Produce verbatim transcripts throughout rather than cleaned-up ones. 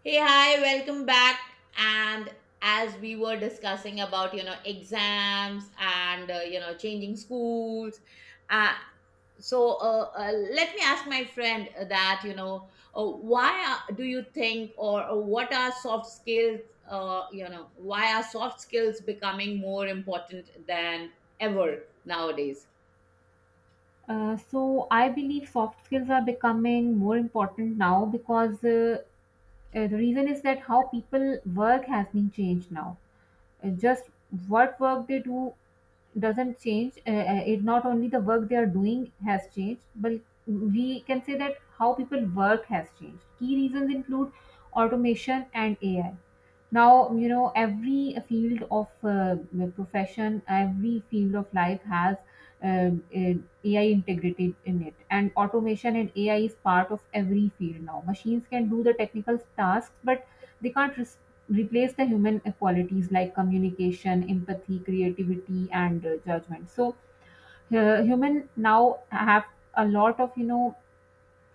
Hey, hi, welcome back. And as we were discussing about, you know, exams and, uh, you know, changing schools, uh, so uh, uh, let me ask my friend that, you know, uh, why are, do you think, or, or what are soft skills? Uh, you know, why are soft skills becoming more important than ever nowadays? Uh, so I believe soft skills are becoming more important now because uh, uh, the reason is that how people work has been changed now. And just what work they do doesn't change. Uh, uh, it not only the work they are doing has changed, but we can say that how people work has changed. Key reasons include automation and A I. Now, you know, every field of uh, profession, every field of life has um, an A I integrated in it, and automation and A I is part of every field now. Machines can do the technical tasks, but they can't res- replace the human qualities like communication, empathy, creativity, and uh, judgment. So, uh, human now have a lot of you know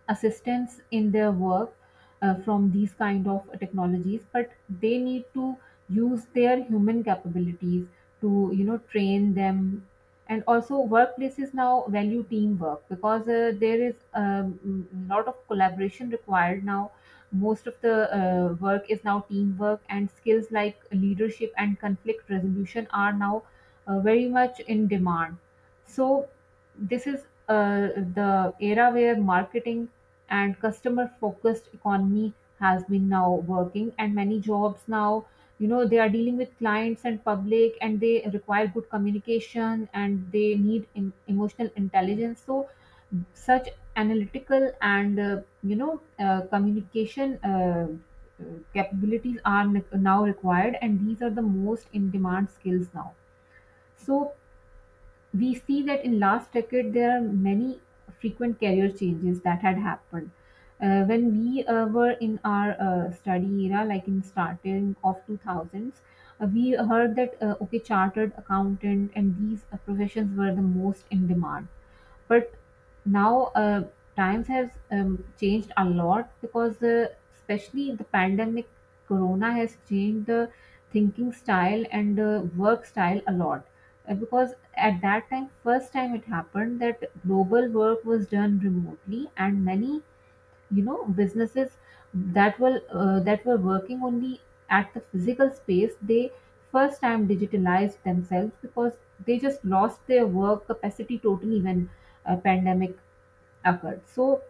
assistance in their work uh, from these kind of technologies, but they need to use their human capabilities to you know train them. And also, workplaces now value teamwork because uh, there is a um, lot of collaboration required now. Most of the uh, work is now teamwork, and skills like leadership and conflict resolution are now uh, very much in demand. So this is uh, the era where marketing and customer focused economy has been now working, and many jobs now, you know, they are dealing with clients and public, and they require good communication, and they need em- emotional intelligence. So such analytical and uh, you know uh, communication uh, uh, capabilities are ne- now required, and these are the most in demand skills now. So we see that in last decade there are many frequent career changes that had happened. Uh, when we uh, were in our uh, study era, like in starting of two thousands, uh, we heard that, uh, okay, chartered accountant and these uh, professions were the most in demand. But now, uh, times has um, changed a lot because, uh, especially the pandemic, corona has changed the thinking style and uh, work style a lot. Uh, because at that time, first time it happened that global work was done remotely, and many, you know, businesses that will uh, that were working only at the physical space, they first time digitalized themselves because they just lost their work capacity totally when a pandemic occurred. So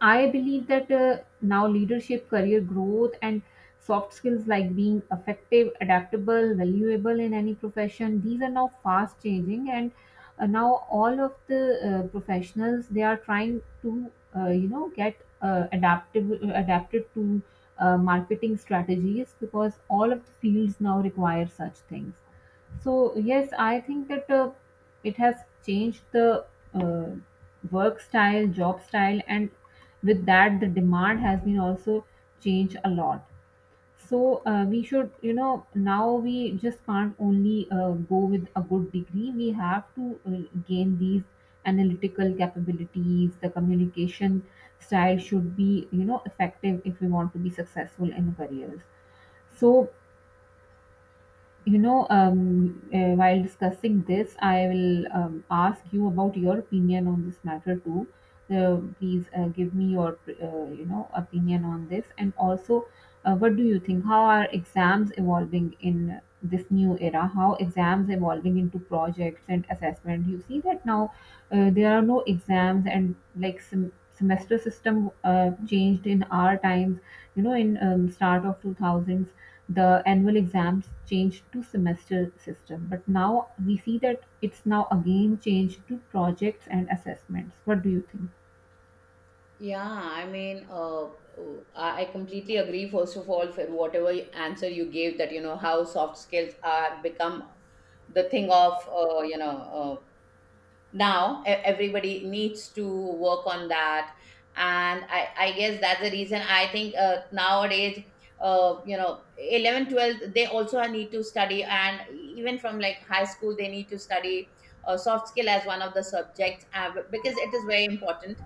I believe that uh, now leadership, career growth, and soft skills like being effective, adaptable, valuable in any profession, these are now fast changing. And uh, now all of the uh, professionals, they are trying to, uh, you know, get uh, adaptable, adapted to uh, marketing strategies because all of the fields now require such things. So yes, I think that uh, it has changed the uh, work style, job style, and with that, the demand has been also changed a lot. So uh, we should, you know, now we just can't only uh, go with a good degree. We have to uh, gain these analytical capabilities. The communication style should be, you know, effective if we want to be successful in careers. So you know, um, uh, while discussing this, I will um, ask you about your opinion on this matter too. Uh, please uh, give me your, uh, you know, opinion on this, and also, uh, what do you think? How are exams evolving in this new era? How exams evolving into projects and assessment? You see that now uh, there are no exams, and like sem- semester system uh, changed in our times, you know, in um, start of two thousands. The annual exams changed to semester system, but now we see that it's now again changed to projects and assessments. What do you think? Yeah, I mean, uh, oh, I I completely agree. First of all, for whatever answer you gave, that you know how soft skills are become the thing of, uh, you know uh, now e- everybody needs to work on that, and I I guess that's the reason I think, uh, nowadays. Uh, you know eleven, twelve, they also need to study, and even from like high school they need to study uh, soft skill as one of the subjects, uh, because it is very important.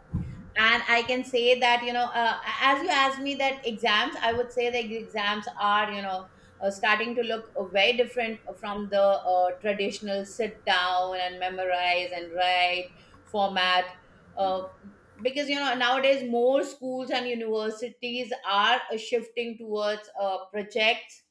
And I can say that, you know, uh, as you asked me that exams, I would say the exams are, you know uh, starting to look uh, very different from the uh, traditional sit down and memorize and write format, uh, because you know nowadays, more schools and universities are uh, shifting towards uh, projects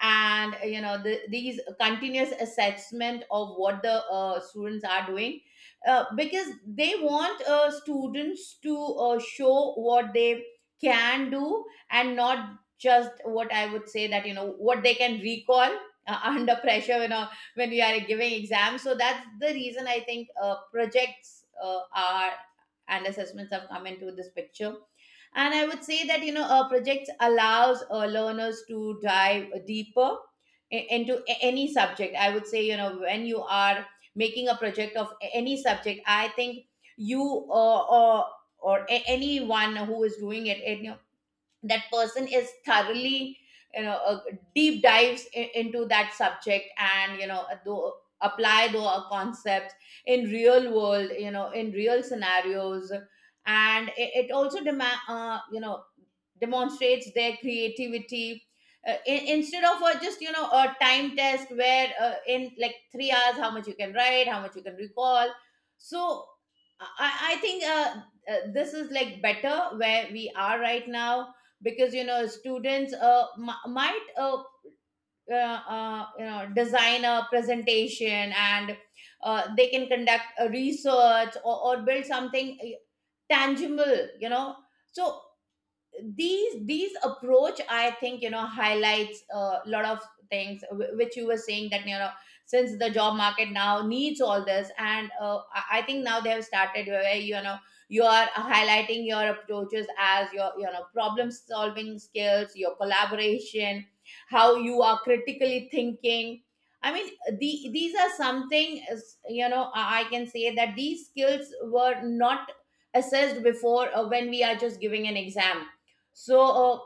and, uh, you know the, these continuous assessment of what the uh, students are doing, uh, because they want uh, students to uh, show what they can do and not just, what I would say, that you know what they can recall, uh, under pressure, you know, when we are giving exams. So that's the reason I think uh, projects, uh, are and assessments have come into this picture. And I would say that, you know, a project allows uh, learners to dive deeper i- into a- any subject. I would say, you know, when you are making a project of a- any subject, I think you, uh, or or a- anyone who is doing it, it that person is thoroughly, you know uh, deep dives i- into that subject and, you know do, apply those concepts in real world, you know, in real scenarios. And it, it also demand, uh, you know demonstrates their creativity, uh, in, instead of uh, just, you know, a time test where, uh, in like three hours, how much you can write, how much you can recall. So i, I I think, uh, uh, this is like better where we are right now, because, you know, students, uh, m- might, uh, uh, uh, you know design a presentation, and uh, they can conduct a research or, or build something uh, tangible, you know. So these these approach, I think, you know, highlights a lot of things wh- which you were saying, that, you know, since the job market now needs all this. And uh, i I think now they have started where, you know, you are highlighting your approaches as your, you know, problem solving skills, your collaboration, how you are critically thinking. I mean, the, these are something, is- you know, i I can say that these skills were not assessed before, uh, when we are just giving an exam. So, uh,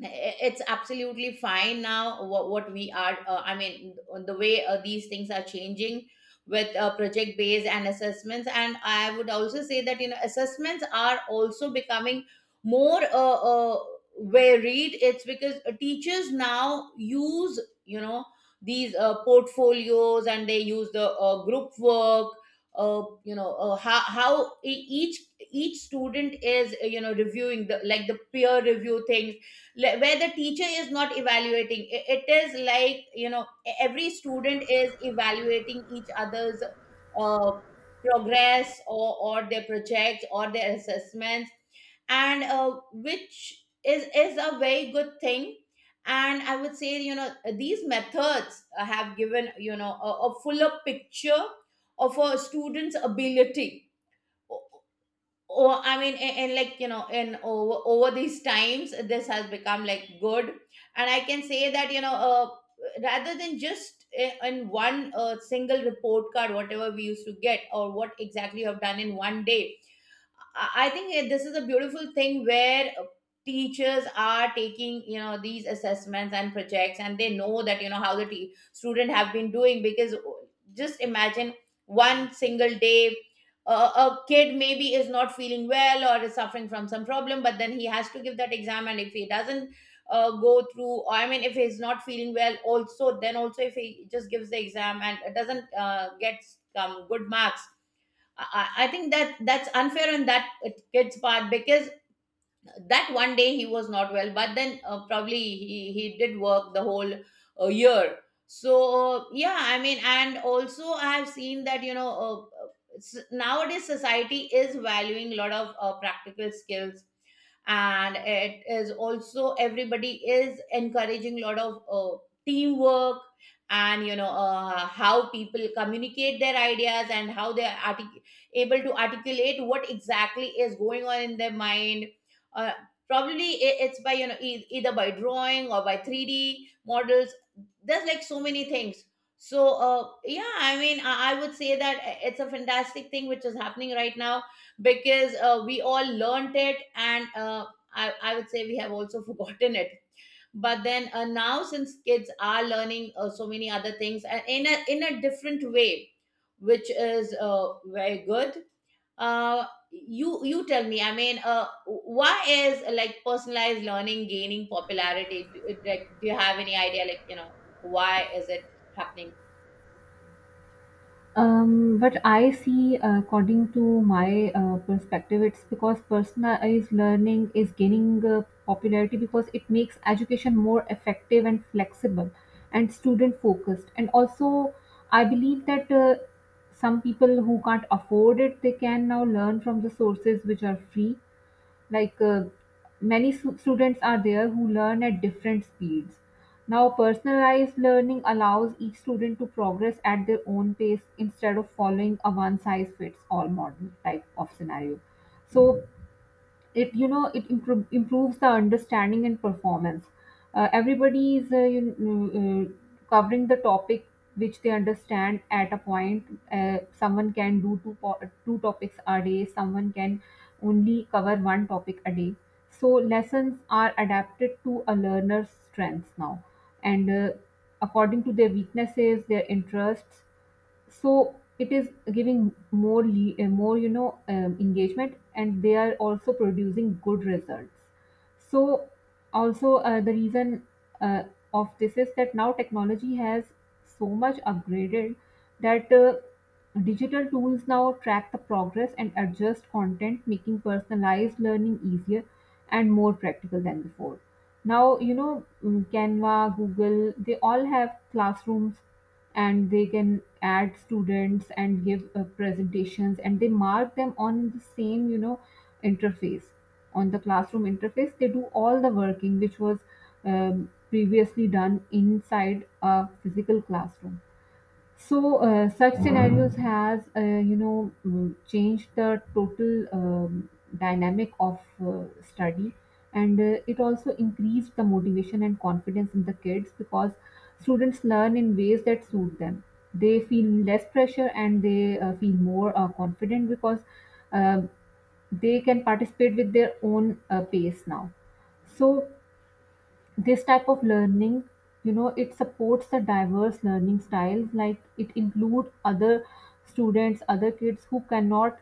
it's absolutely fine now. What, what we are, uh, I mean, the way uh, these things are changing, with uh, project based and assessments. And I would also say that, you know, assessments are also becoming more, uh, uh, varied. It's because teachers now use, you know, these uh, portfolios, and they use the uh, group work, uh, you know uh, how, how e- each each student is, uh, you know, reviewing the, like, the peer review things, le- where the teacher is not evaluating. I- it is like, you know, e- every student is evaluating each other's uh, progress, or, or their projects or their assessments. And uh, which is is a very good thing. And I would say, you know, these methods uh, have given, you know, a, a fuller picture of a student's ability. Oh, I mean, a- and, like, you know, in over over these times, this has become like good. And I can say that, you know uh, rather than just uh, in one uh, single report card, whatever we used to get, or what exactly you have done in one day, I think this is a beautiful thing where uh, teachers are taking, you know, these assessments and projects, and they know that, you know, how the te- student have been doing. Because, oh, just imagine one single day. Uh, a kid maybe is not feeling well or is suffering from some problem, but then he has to give that exam. And if he doesn't uh, go through, or I mean, if he's not feeling well, also, then also if he just gives the exam and doesn't uh, get some good marks, I, I think that that's unfair on that kid's part, because that one day he was not well, but then uh, probably he he did work the whole uh, year. So, yeah, I mean, and also I have seen that, you know uh, uh, s- nowadays, society is valuing a lot of uh, practical skills, and it is also everybody is encouraging a lot of uh, teamwork. And, you know uh, how people communicate their ideas and how they are artic- able to articulate what exactly is going on in their mind. uh, Probably i- it's by, you know e- either by drawing or by three D models. There's like so many things. So, uh, yeah, I mean, I, I would say that it's a fantastic thing which is happening right now, because uh, we all learned it and, uh, I, I would say we have also forgotten it. But then, uh, now, since kids are learning uh, so many other things, and in a, in a different way, which is uh, very good. uh you you tell me, I mean, uh why is, like, personalized learning gaining popularity? Do, like, do you have any idea, like, you know, why is it happening? Um, but I see, uh, according to my uh, perspective, it's because personalized learning is gaining uh, popularity because it makes education more effective and flexible and student focused. And also, I believe that uh, some people who can't afford it, they can now learn from the sources which are free, like uh, many su- students are there who learn at different speeds. Now personalized learning allows each student to progress at their own pace instead of following a one size fits all model type of scenario. So it, you know, it impro- improves the understanding and performance. Uh, everybody is uh, you know, uh, covering the topic which they understand at a point. Uh, someone can do two po- two topics a day, someone can only cover one topic a day. So lessons are adapted to a learner's strengths now, and uh, according to their weaknesses, their interests. So it is giving more le- uh, more, you know, um, engagement, and they are also producing good results. So also uh, the reason uh, of this is that now technology has so much upgraded that uh, digital tools now track the progress and adjust content, making personalized learning easier and more practical than before. Now, you know, mm, Canva, Google, they all have classrooms, and they can add students and give uh, presentations, and they mark them on the same, you know, interface. On the classroom interface they do all the working which was um, previously done inside a physical classroom. So uh, such scenarios has, uh, you know mm, changed the total um, dynamic of uh, study, and uh, it also increased the motivation and confidence in the kids because students learn in ways that suit them. They feel less pressure, and they uh, feel more uh, confident because um they can participate with their own uh, pace now. So this type of learning, you know, it supports the diverse learning styles, like it include other students, other kids who cannot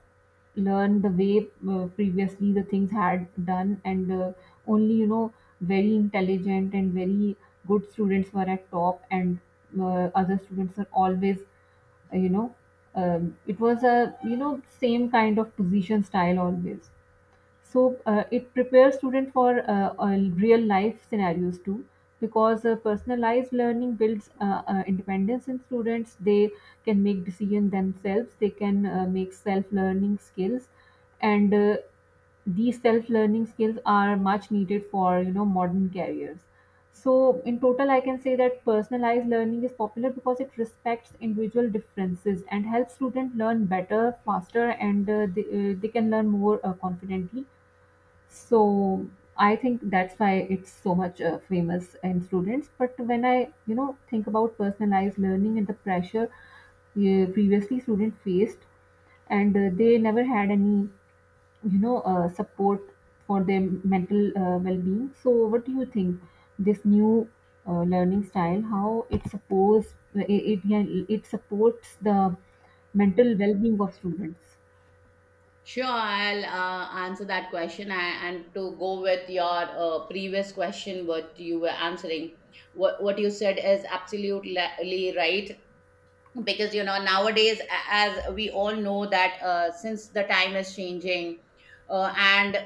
learn the way uh, previously the things had done, and uh, only, you know, very intelligent and very good students were at top, and uh, other students are always, uh, you know um, it was a, you know, same kind of position style always. So uh, it prepares student for uh, uh, real life scenarios too, because uh, personalized learning builds uh, uh, independence in students. They can make decision themselves, they can uh, make self learning skills, and uh, these self learning skills are much needed for, you know, modern careers. So in total, I can say that personalized learning is popular because it respects individual differences and helps students learn better, faster, and uh, they, uh, they can learn more uh, confidently. So I think that's why it's so much uh, famous in students. But when I, you know, think about personalized learning and the pressure uh, previously students faced, and uh, they never had any, you know, uh, support for their mental uh, well-being. So what do you think this new uh, learning style, how it supports uh, it, it, yeah, it supports the mental well-being of students? Sure, I'll uh, answer that question. I, and to go with your uh, previous question, what you were answering, what, what you said is absolutely right. Because, you know, nowadays, a- as we all know, that uh, since the time is changing, uh, and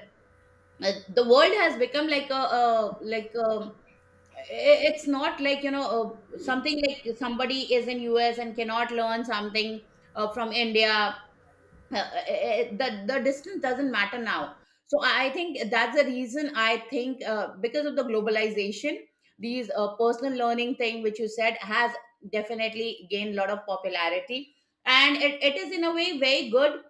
uh, the world has become like a, a like, um it's not like, you know uh, something like somebody is in US and cannot learn something uh, from India. uh, uh, uh, uh, the the distance doesn't matter now. So i I think that's the reason, I think, uh, because of the globalization, these uh, personal learning thing which you said has definitely gained a lot of popularity. And it, it is, in a way, very good,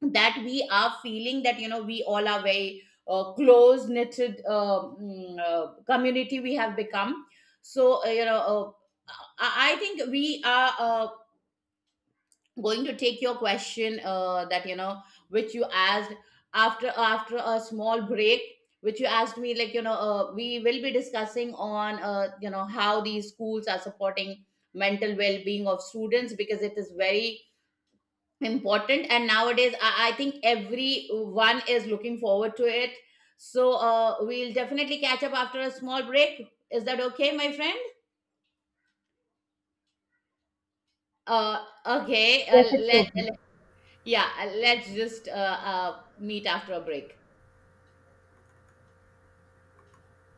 that we are feeling that, you know, we all are very uh, close knitted, uh, mm, uh, community we have become. So, uh, you know uh, I, I think we are, uh, going to take your question, uh, that, you know, which you asked, after after a small break, which you asked me, like, you know uh, we will be discussing on, uh, you know, how these schools are supporting mental well-being of students, because it is very important. And nowadays, I, I think everyone is looking forward to it. So uh, we'll definitely catch up after a small break. Is that okay, my friend? Uh, okay, uh, Yes, it's let, okay. let- yeah, uh, let's just uh, uh, meet after a break.